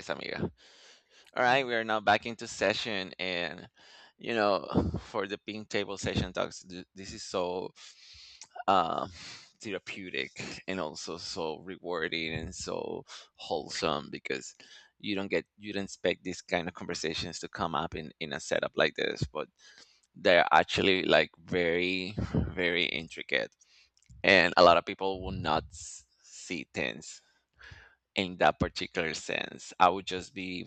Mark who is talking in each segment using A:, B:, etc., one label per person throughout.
A: Yes, amiga. All right,
B: Bueno,
A: we are now back into session, and you know, for the pink table session talks, this is so um, therapeutic and also so rewarding and so wholesome because you don't expect these kind of conversations to come up in a setup like this, but they're actually like very very intricate, and a lot of people will not see things in that particular sense. I would just be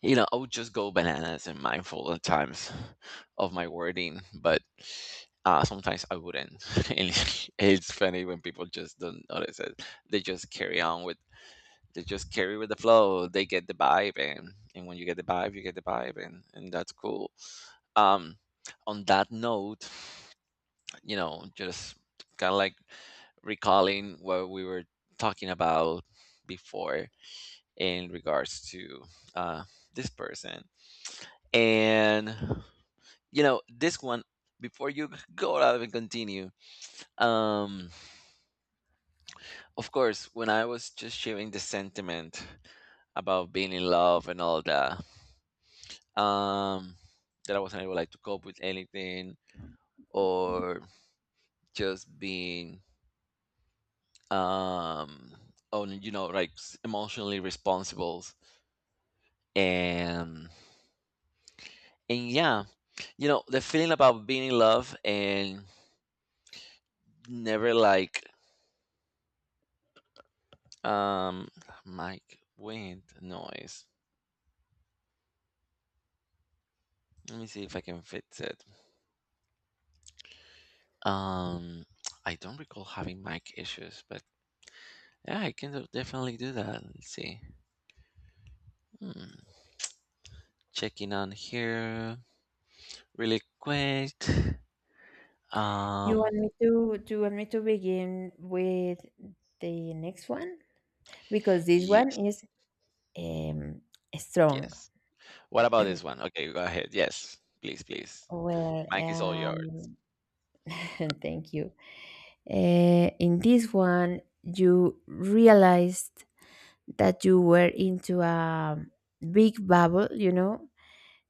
A: you know, I would just go bananas and mindful at times of my wording, but sometimes I wouldn't. And it's funny when people just don't notice it. They just carry on with, they just carry with the flow. They get the vibe, and when you get the vibe, you get the vibe, and that's cool. Um, on that note, you know, just kind of like recalling what we were talking about before in regards to uh, this person and you know this one before you go out and continue um of course when I was just sharing the sentiment about being in love and all that um that I wasn't able like to cope with anything or just being um on you know like emotionally responsible and yeah, you know, the feeling about being in love and never like Um, mic wind noise. Let me see if I can fix it. Um, I don't recall having mic issues, but yeah, I can definitely do that. Let's see. Hmm. Checking on here really quick.
B: You
A: Um,
B: want me to do you want me to begin with the next one? Because this one
A: yes,
B: is um strong.
A: yes. What about this one? Okay, go ahead. Yes, please, please.
B: Well,
A: Mic is all yours.
B: thank you. In this one you realized that you were into a big bubble, you know,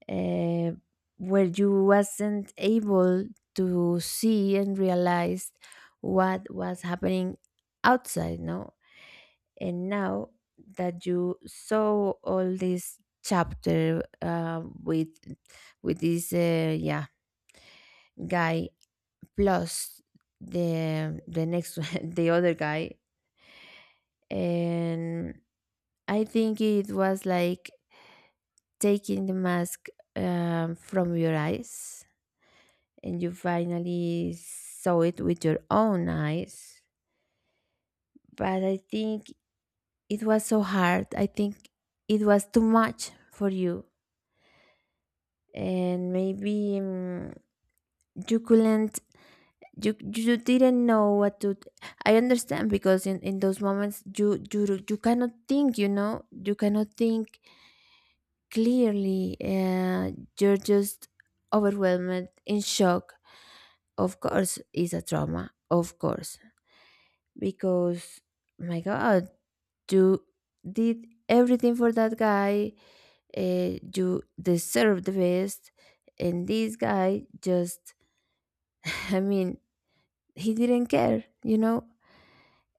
B: uh, where you wasn't able to see and realize what was happening outside, no? And now that you saw all this chapter with with this guy plus the next one, the other guy, and I think it was like taking the mask from your eyes, and you finally saw it with your own eyes. But I think it was so hard. I think it was too much for you, and maybe, you couldn't, you didn't know what to. I understand, because in those moments you cannot think, you know, you cannot think clearly. You're just overwhelmed, in shock, of course. Is a trauma, of course, because my God, you did everything for that guy. You deserve the best, and this guy just I mean, he didn't care, you know?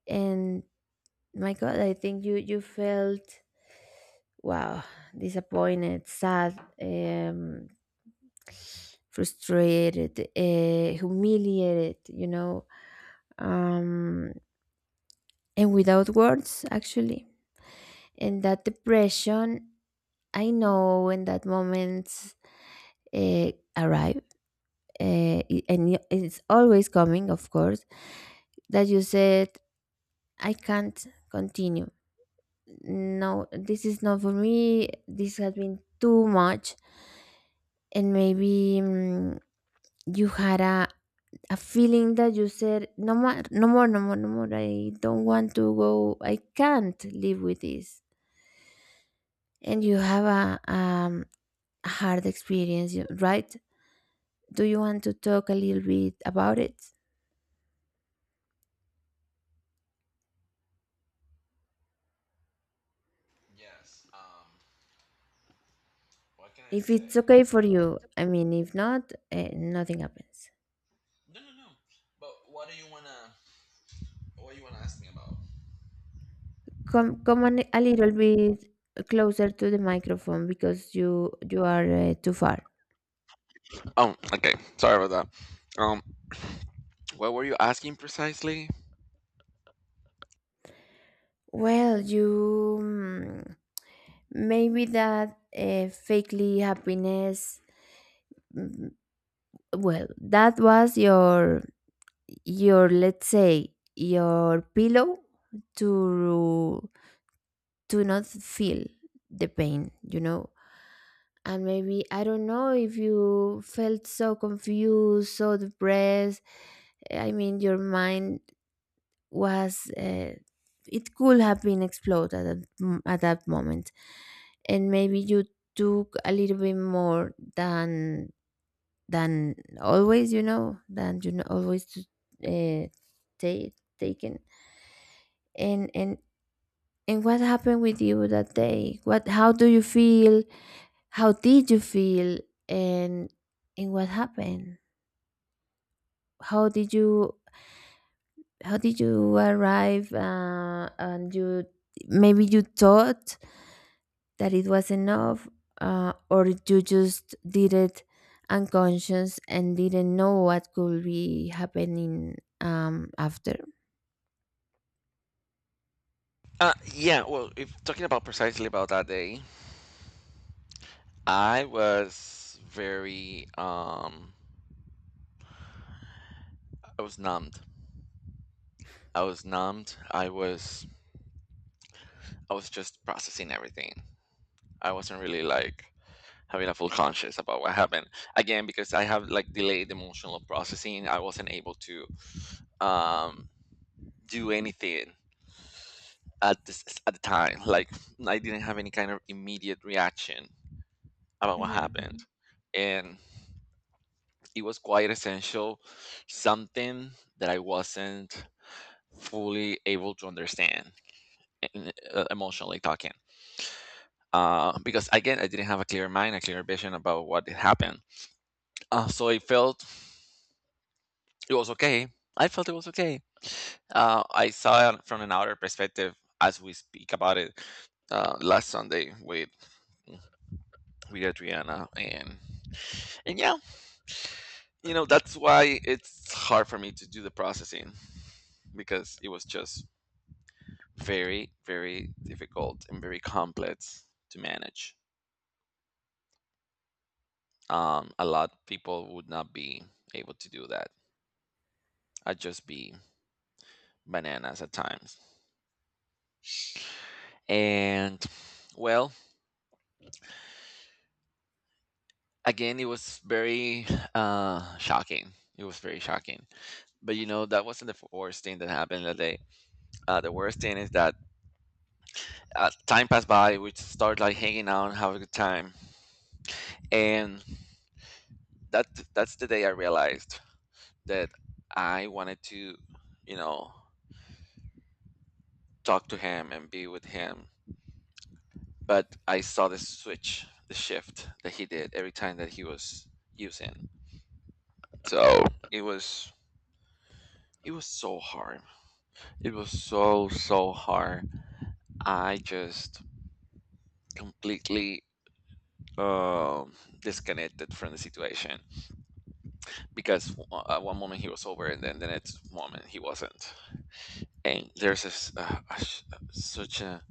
B: And my God, I think you, you felt, wow, disappointed, sad, frustrated, humiliated, you know, um, and without words, actually. And that depression, I know when that moment uh, arrive, it's always coming, of course, that you said, I can't continue. No, this is not for me. This has been too much. And maybe, you had a feeling that you said, no more, no more, no more, no more. I don't want to go. I can't live with this. And you have a hard experience, right? Do you want to talk a little bit about it?
A: Yes. What can I
B: If
A: say?
B: it's okay for you, I mean, if not, eh, nothing happens.
A: No, no, no. But what do you wanna? What you wanna ask me about?
B: Come, come on a little bit closer to the microphone, because you are too far.
A: Oh, okay. Sorry about that. What were you asking precisely?
B: Well, you maybe that fakely happiness. mm, Well, that was your, let's say, your pillow to to not feel the pain, you know. And maybe I don't know if you felt so confused, so depressed. I mean, your mind was it could have been exploded at that, at that moment, and maybe you took a little bit more than always, you know, than you know always to uh, take taken, and and what happened with you that day? What, how do you feel? How did you feel? and and what happened? How did you, how did you arrive? And you maybe you thought that it was enough. Or you just did it unconscious and didn't know what could be happening, after.
A: Yeah. Well, if talking about precisely about that day, I was very I was numbed. I was numbed. I was I was just processing everything. I wasn't really like having a full conscious about what happened. Again, because I have like delayed emotional processing, I wasn't able to um do anything at the time. Like I didn't have any kind of immediate reaction about what happened.
B: Mhm.
A: And it was quite essential, something that I wasn't fully able to understand in, emotionally talking. Because again, I didn't have a clear mind, a clear vision about what had happened. So I felt it was okay. I felt it was okay. I saw it from an outer perspective as we speak about it last Sunday with Adriana, and yeah, you know, that's why it's hard for me to do the processing because it was just very, very difficult and very complex to manage. A lot of people would not be able to do that. I'd just be bananas at times. And well, again, it was very shocking. It was very shocking. But you know, that wasn't the worst thing that happened that day. The worst thing is that time passed by. We start like hanging out and have a good time. And that that's the day I realized that I wanted to, you know, talk to him and be with him. But I saw the switch, the shift that he did every time that he was using. So it was it was so hard. It was so so hard. I just completely um disconnected from the situation because at one moment he was sober and then the next moment he wasn't and there's this a sh- such a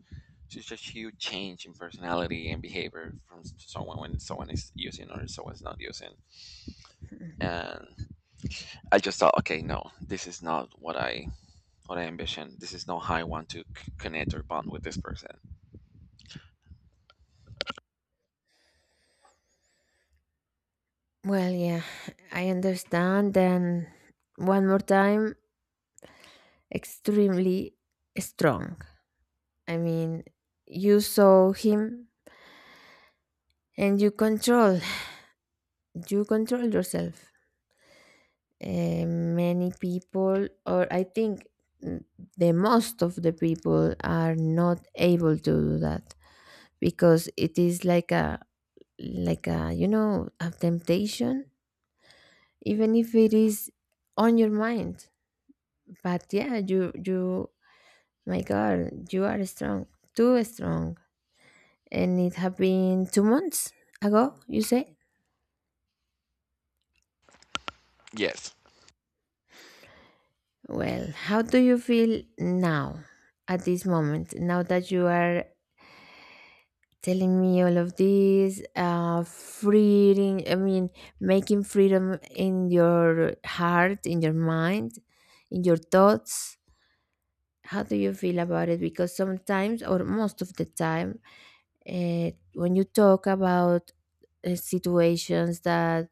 A: it's just huge change in personality and behavior from someone when someone is using or someone's not using. And I just thought, okay, no, this is not what I ambition. This is not how I want to connect or bond with this person.
B: Well, yeah, I understand, and one more time, extremely strong. I mean, you saw him, and you control, you control yourself. Many people, or I think mm, the most of the people are not able to do that, because it is like a like a, you know, a temptation, even if it is on your mind. But yeah, you, my God, you are strong, too strong, and it have been 2 months ago. You say,
A: Yes.
B: well, how do you feel now? At this moment, now that you are telling me all of this, freeing, I mean, making freedom in your heart, in your mind, in your thoughts, how do you feel about it? Because sometimes, or most of the time, when you talk about situations that,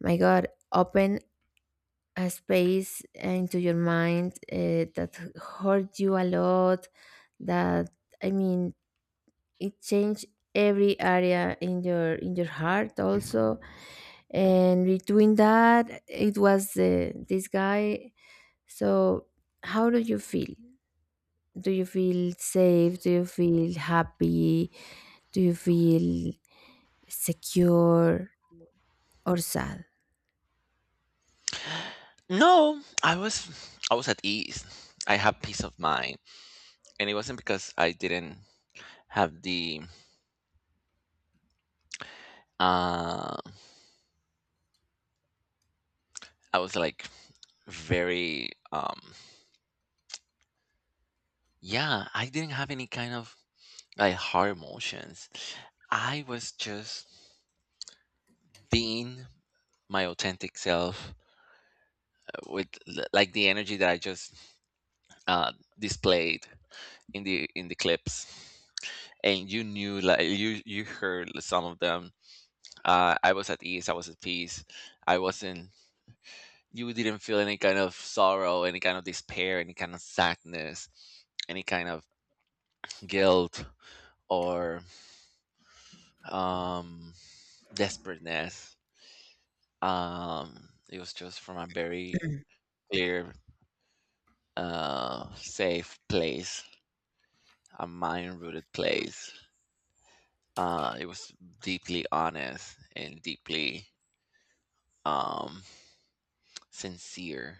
B: my God, open a space into your mind, that hurt you a lot, that, I mean, it changed every area in your, in your heart also, and between that it was this guy. So how do you feel? Do you feel safe? Do you feel happy? Do you feel secure or sad?
A: No, I was at ease. I have peace of mind, and it wasn't because I didn't have the. Uh, I was like very. Yeah, I didn't have any kind of like hard emotions. I was just being my authentic self with like the energy that I just uh, displayed in the clips. And you knew, like you heard some of them. I was at ease. I was at peace. I wasn't. You didn't feel any kind of sorrow, any kind of despair, any kind of sadness, any kind of guilt or um, desperateness. It was just from a very clear, safe place, a mind-rooted place. It was deeply honest and deeply um, sincere.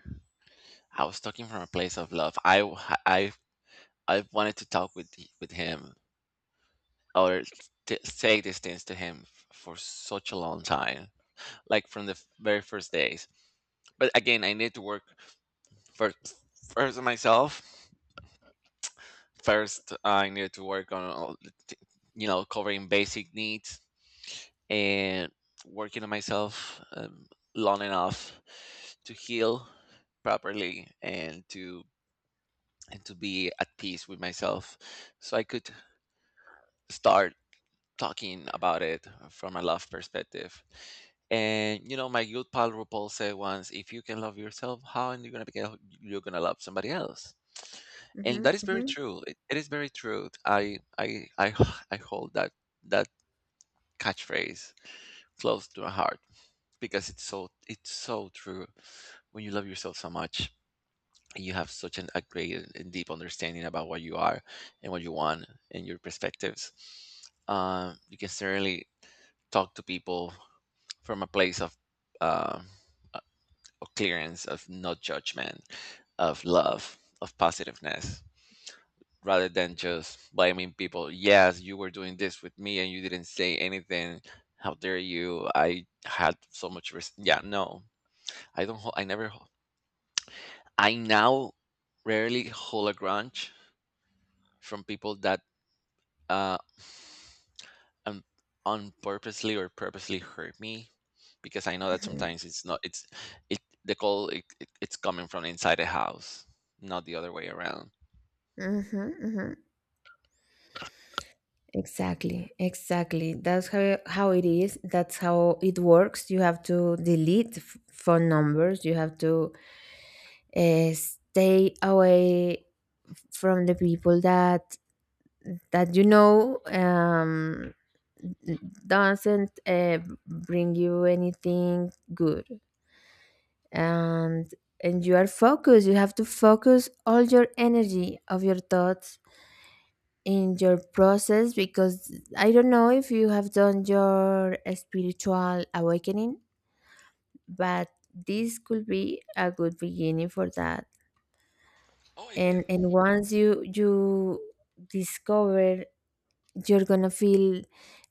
A: I was talking from a place of love. I wanted to talk with him or say these things to him for such a long time, like from the very first days. But again, I need to work first first on myself. First, I needed to work on, you know, covering basic needs and working on myself long enough to heal properly and to be at peace with myself, so I could start talking about it from a love perspective. And you know, my good pal RuPaul said once, "If you can love yourself, how are you gonna be you're gonna love somebody else?" And
B: hmm
A: that is very
B: hmm
A: true. It is very true. I I hold that catchphrase close to my heart because it's so true. When you love yourself so much, you have a great and deep understanding about what you are and what you want and your perspectives. You can certainly talk to people from a place um, uh, of clearance, of not judgment, of love, of positiveness, rather than just blaming people. Yes, you were doing this with me and you didn't say anything. How dare you? I had so much risk. Yeah, no, I don't. Hol- I never. Hol- I now rarely hold a grudge from people that uh un- unpurposely or purposely hurt me because I know that sometimes it it, it's coming from inside the house, not the other way around.
B: hmm hmm Exactly, exactly. That's how it is. That's how it works. You have to delete phone numbers. You have to stay away from the people that that, you know, doesn't bring you anything good, and and you are focused, you have to focus all your energy of your thoughts in your process, because I don't know if you have done your spiritual awakening, but this could be a good beginning for that.
A: Oh, I did.
B: And once you discover, you're gonna feel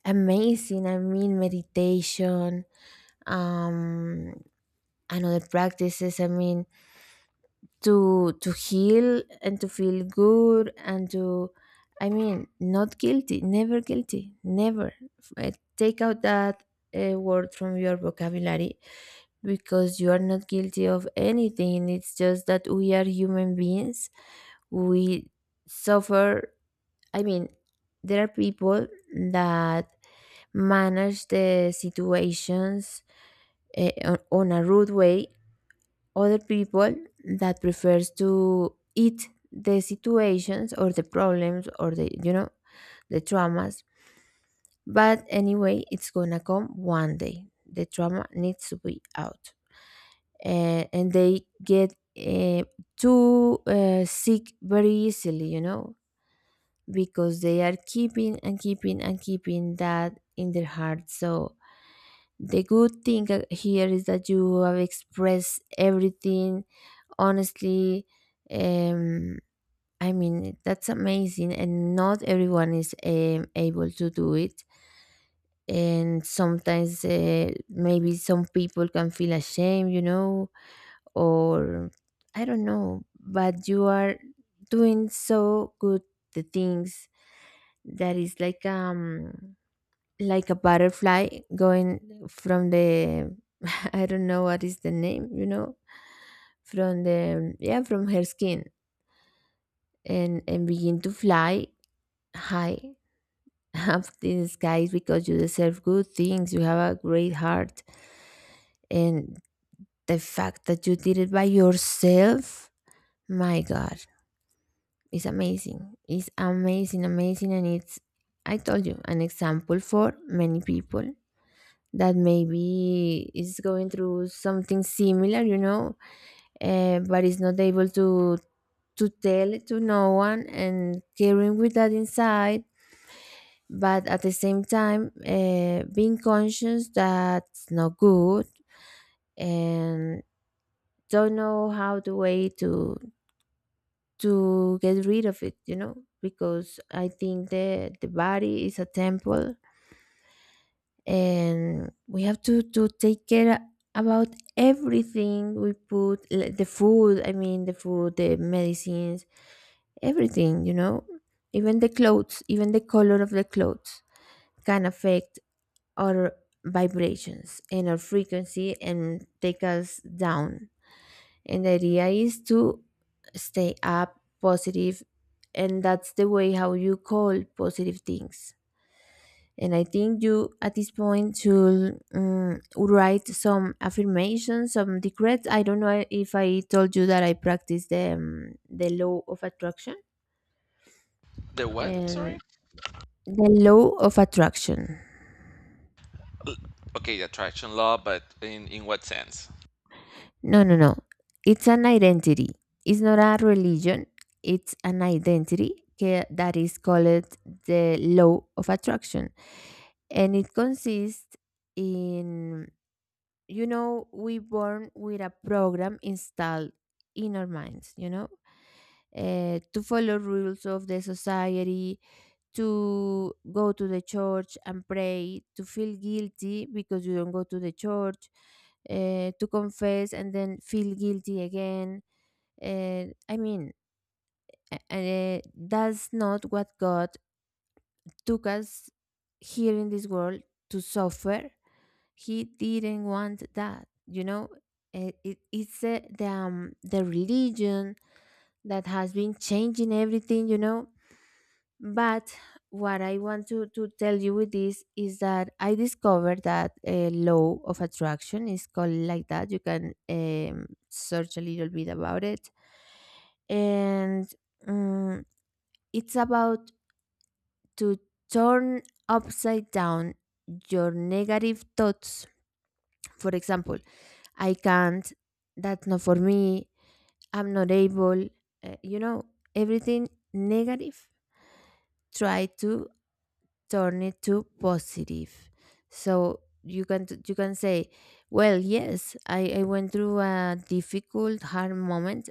B: amazing. I mean, meditation um and other practices, I mean, to heal and to feel good and to, I mean, not guilty, never guilty, never. Uh, Take out that word from your vocabulary, because you are not guilty of anything. It's just that we are human beings, we suffer. I mean, there are people that manage the situations eh, on a rude way. Other people that prefers to eat the situations, or the problems, or the, you know, the traumas. But anyway, it's gonna come one day. The trauma needs to be out. Eh, and they get too sick very easily. You know, because they are keeping and keeping and keeping that in their heart. So the good thing here is that you have expressed everything honestly. Um, I mean, that's amazing, and not everyone is able to do it. And sometimes maybe some people can feel ashamed, you know, or I don't know, but you are doing so good the things, that is like a butterfly going from the I don't know what is the name, you know, from the yeah, from her skin, and begin to fly high up in the skies, because you deserve good things. You have a great heart, and the fact that you did it by yourself, my God, is amazing. It's amazing, amazing, and it's, I told you, an example for many people that maybe is going through something similar, you know, but is not able to tell it to no one, and carrying with that inside. But at the same time, being conscious that's not good, and don't know how the way to get rid of it, you know, because I think the body is a temple, and we have to take care about everything we put, like the food, I mean the food, the medicines, everything, you know, even the clothes, even the color of the clothes, can affect our vibrations and our frequency, and take us down. And the idea is to stay up positive, and that's the way how you call positive things. And I think you at this point should write some affirmations, some decrees. I don't know if I told you that I practice the law of attraction
A: The what? I'm sorry.
B: and the law of attraction.
A: Okay, the attraction law, but in what sense?
B: No, no, no, it's an identity, it's not a religion. It's an identity that is called the law of attraction. And it consists in, you know, we born with a program installed in our minds, you know, to follow rules of the society, to go to the church and pray, to feel guilty because you don't go to the church, to confess and then feel guilty again. I mean, that's not what God took us here in this world to suffer. He didn't want that, you know. It's the religion that has been changing everything, you know. But what I want to tell you with this is that I discovered that a law of attraction is called like that. You can search a little bit about it. And um, it's about to turn upside down your negative thoughts. For example, I can't, that's not for me, I'm not able. You know, everything negative, try to turn it to positive. So you can you can say, well, yes, I went through a difficult, hard moment,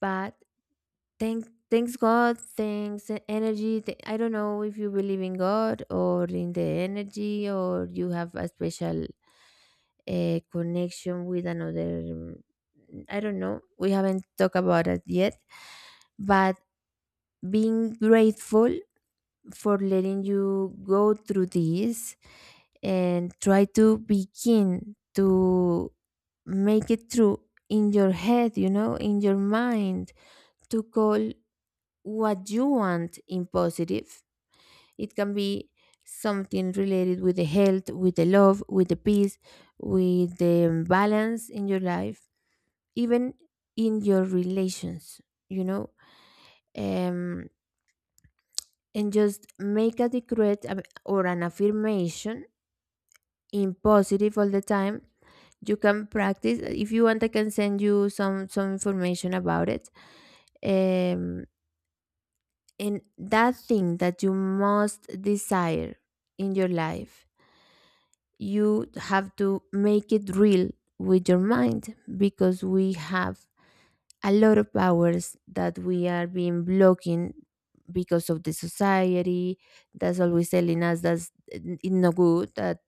B: but thanks God, thanks energy. I don't know if you believe in God, or in the energy, or you have a special a connection with another I don't know, we haven't talked about it yet. But being grateful for letting you go through this, and try to begin to make it through, in your head, you know, in your mind, to call what you want in positive. It can be something related with the health, with the love, with the peace, with the balance in your life, even in your relations, you know, um, and just make a decree or an affirmation in positive all the time. You can practice if you want. I can send you some information about it. Um, and that thing that you most desire in your life, you have to make it real with your mind, because we have a lot of hours that we are being blocking because of the society that's always telling us that's it's no good, that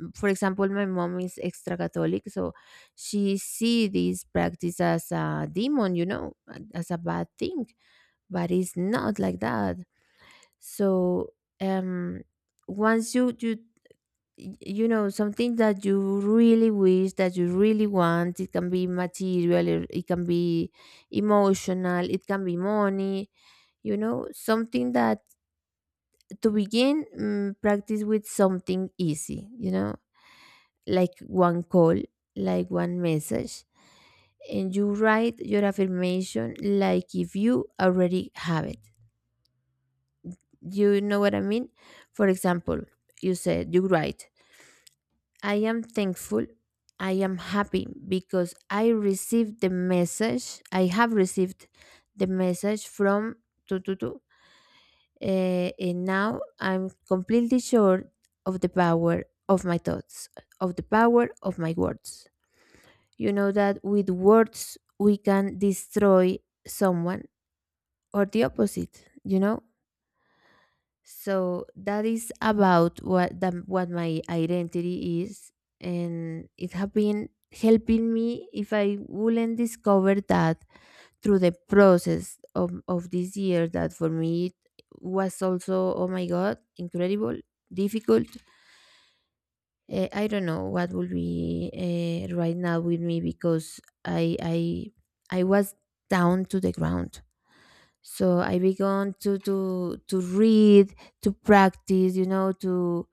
B: for example, my mom is extra catholic, so she see this practice as a demon, you know, as a bad thing, but it's not like that. So, um once you know something that you really wish, that you really want. It can be material, it can be emotional, it can be money, you know, something that. To begin, practice with something easy. Like one call, like one message, and you write your affirmation like if you already have it, you know what I mean? For example, you said, you write: I am thankful. I am happy because I received the message. I have received the message from Tututu. And now I'm completely sure of the power of my thoughts, of the power of my words. You know that with words we can destroy someone, or the opposite, you know? So that is about what my identity is, and it has been helping me. If I wouldn't discover that through the process of this year, that for me it was also, oh my god, incredible difficult. I don't know what will be right now with me, because I was down to the ground. So I began to read, to practice, you know, to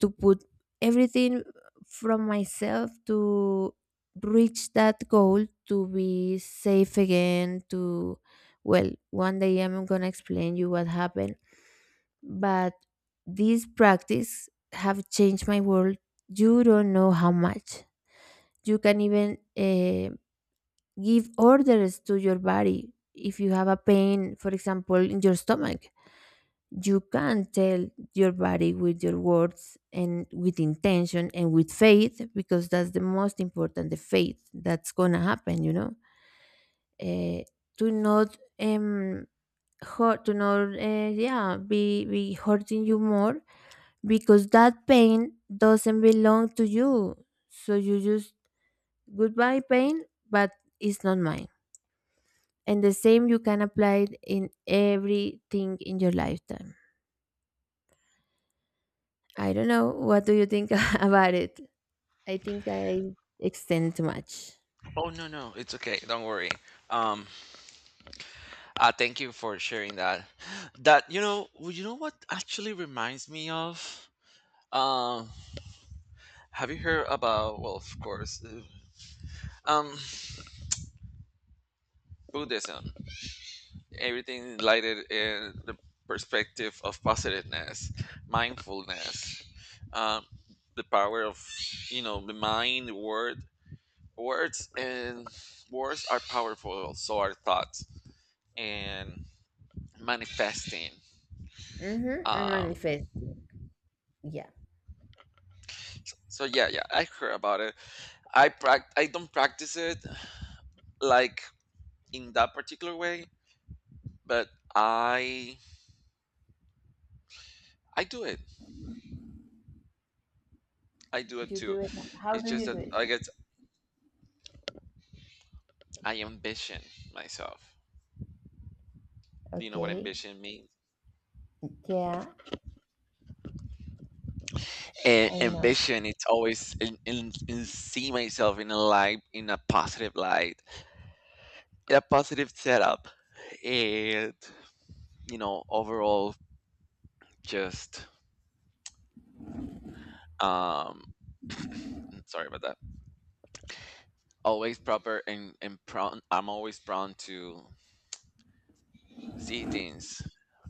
B: to put everything from myself, to reach that goal, to be safe again, to— well, one day I'm gonna explain you what happened. But these practice have changed my world, you don't know how much. You can even give orders to your body. If you have a pain, for example, in your stomach, you can tell your body with your words and with intention and with faith, because that's the most important, the faith that's gonna happen. uh, to not hurt, to not, yeah, be hurting you more, because that pain doesn't belong to you. So you just: goodbye, pain, but it's not mine. And the same you can apply it in everything in your lifetime. I don't know what do you think about it. I think I extend too much.
A: Oh no no, it's okay. Don't worry. Um, thank you for sharing that. That you know, well, you know what actually reminds me of. Um, have you heard about? Well, of course. Um, Buddhism. Everything lighted in the perspective of positiveness, mindfulness, um, the power of you know the mind, words, and words are powerful. So are thoughts and manifesting.
B: Mm-hmm.
A: Um,
B: Manifesting. Yeah.
A: so yeah, yeah, I heard about it. I don't practice it like in that particular way, but I I do it. I do it too.
B: You,
A: It's just that I guess I ambition myself. Do you know what
B: okay.
A: ambition means?
B: Yeah, I
A: And
B: know.
A: ambition, it's always in see myself in a light, in a positive light, in a positive setup, and you know, overall, just um, sorry about that. Always proper and prone. I'm always prone to see things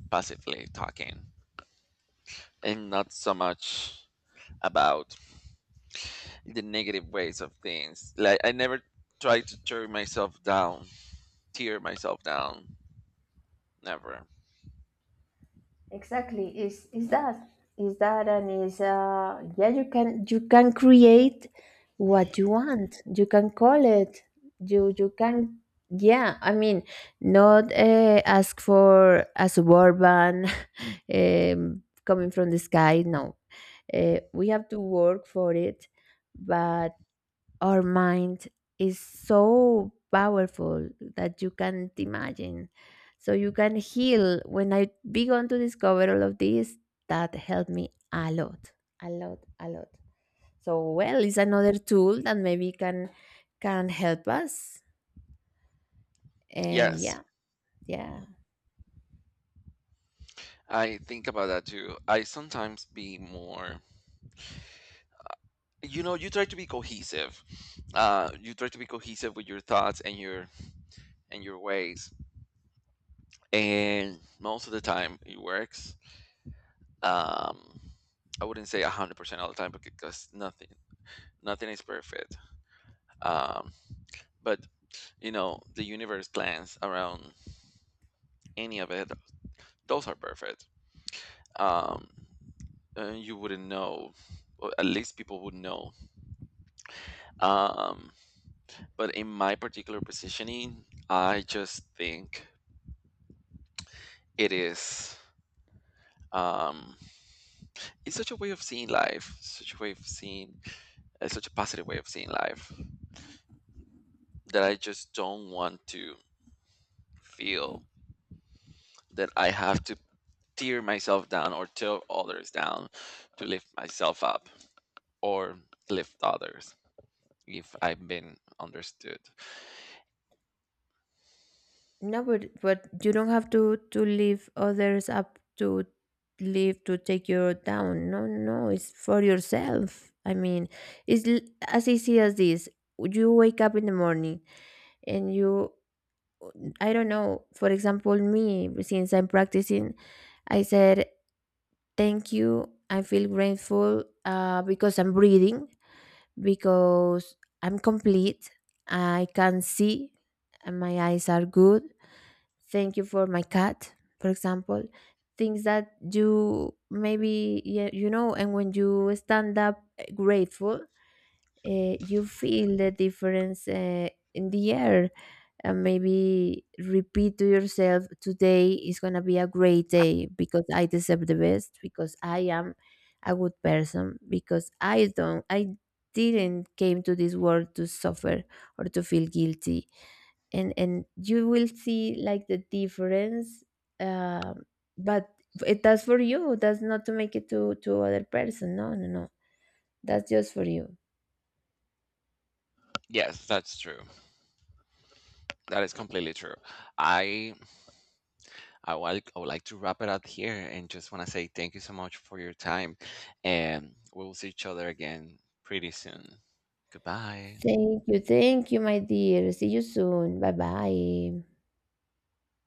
A: positively talking and not so much about the negative ways of things. Like I never try to tear myself down. Never.
B: Exactly. Is that and is Yeah, you can create what you want. You can call it. You can, yeah, I mean, not, ask for a suburban coming from the sky. No. We have to work for it, but our mind is so powerful that you can't imagine. So you can heal. When I began to discover all of this, that helped me a lot, a lot, a lot. So, well, it's another tool that maybe can help us. And
A: Yes,
B: yeah, yeah,
A: I think about that too. I sometimes be more, you know, you try to be cohesive. You try to be cohesive with your thoughts and your ways, and most of the time it works. Um, I wouldn't say 100% all the time because nothing is perfect. Um, but you know, the universe plans around any of it; those are perfect. Um, you wouldn't know, or at least people would know, um, but in my particular positioning I just think it is um, it's such a way of seeing life, such a way of seeing such a positive way of seeing life that I just don't want to feel that I have to tear myself down or tear others down to lift myself up or lift others, if I've been understood.
B: no, but you don't have to leave others up to leave to take you down. No, no, it's for yourself. I mean, it's l- as easy as this. You wake up in the morning, and you, I don't know. For example, me, since I'm practicing, I said thank you. I feel grateful, because I'm breathing, because I'm complete. I can see, and my eyes are good, thank you for my cat, for example, things that you maybe, yeah, you know. And when you stand up grateful, you feel the difference, in the air. And maybe repeat to yourself: today is going to be a great day, because I deserve the best, because I am a good person, because I didn't came to this world to suffer or to feel guilty. And you will see like the difference. um but it that's for you, that's not to make it to other person. No, no, no, that's just for you.
A: Yes, that's true. That is completely true. I I would, I would like to wrap it up here and just want to say thank you so much for your time. And we will see each other again pretty soon. Goodbye.
B: Thank you, thank you, my dear, see you soon, bye bye.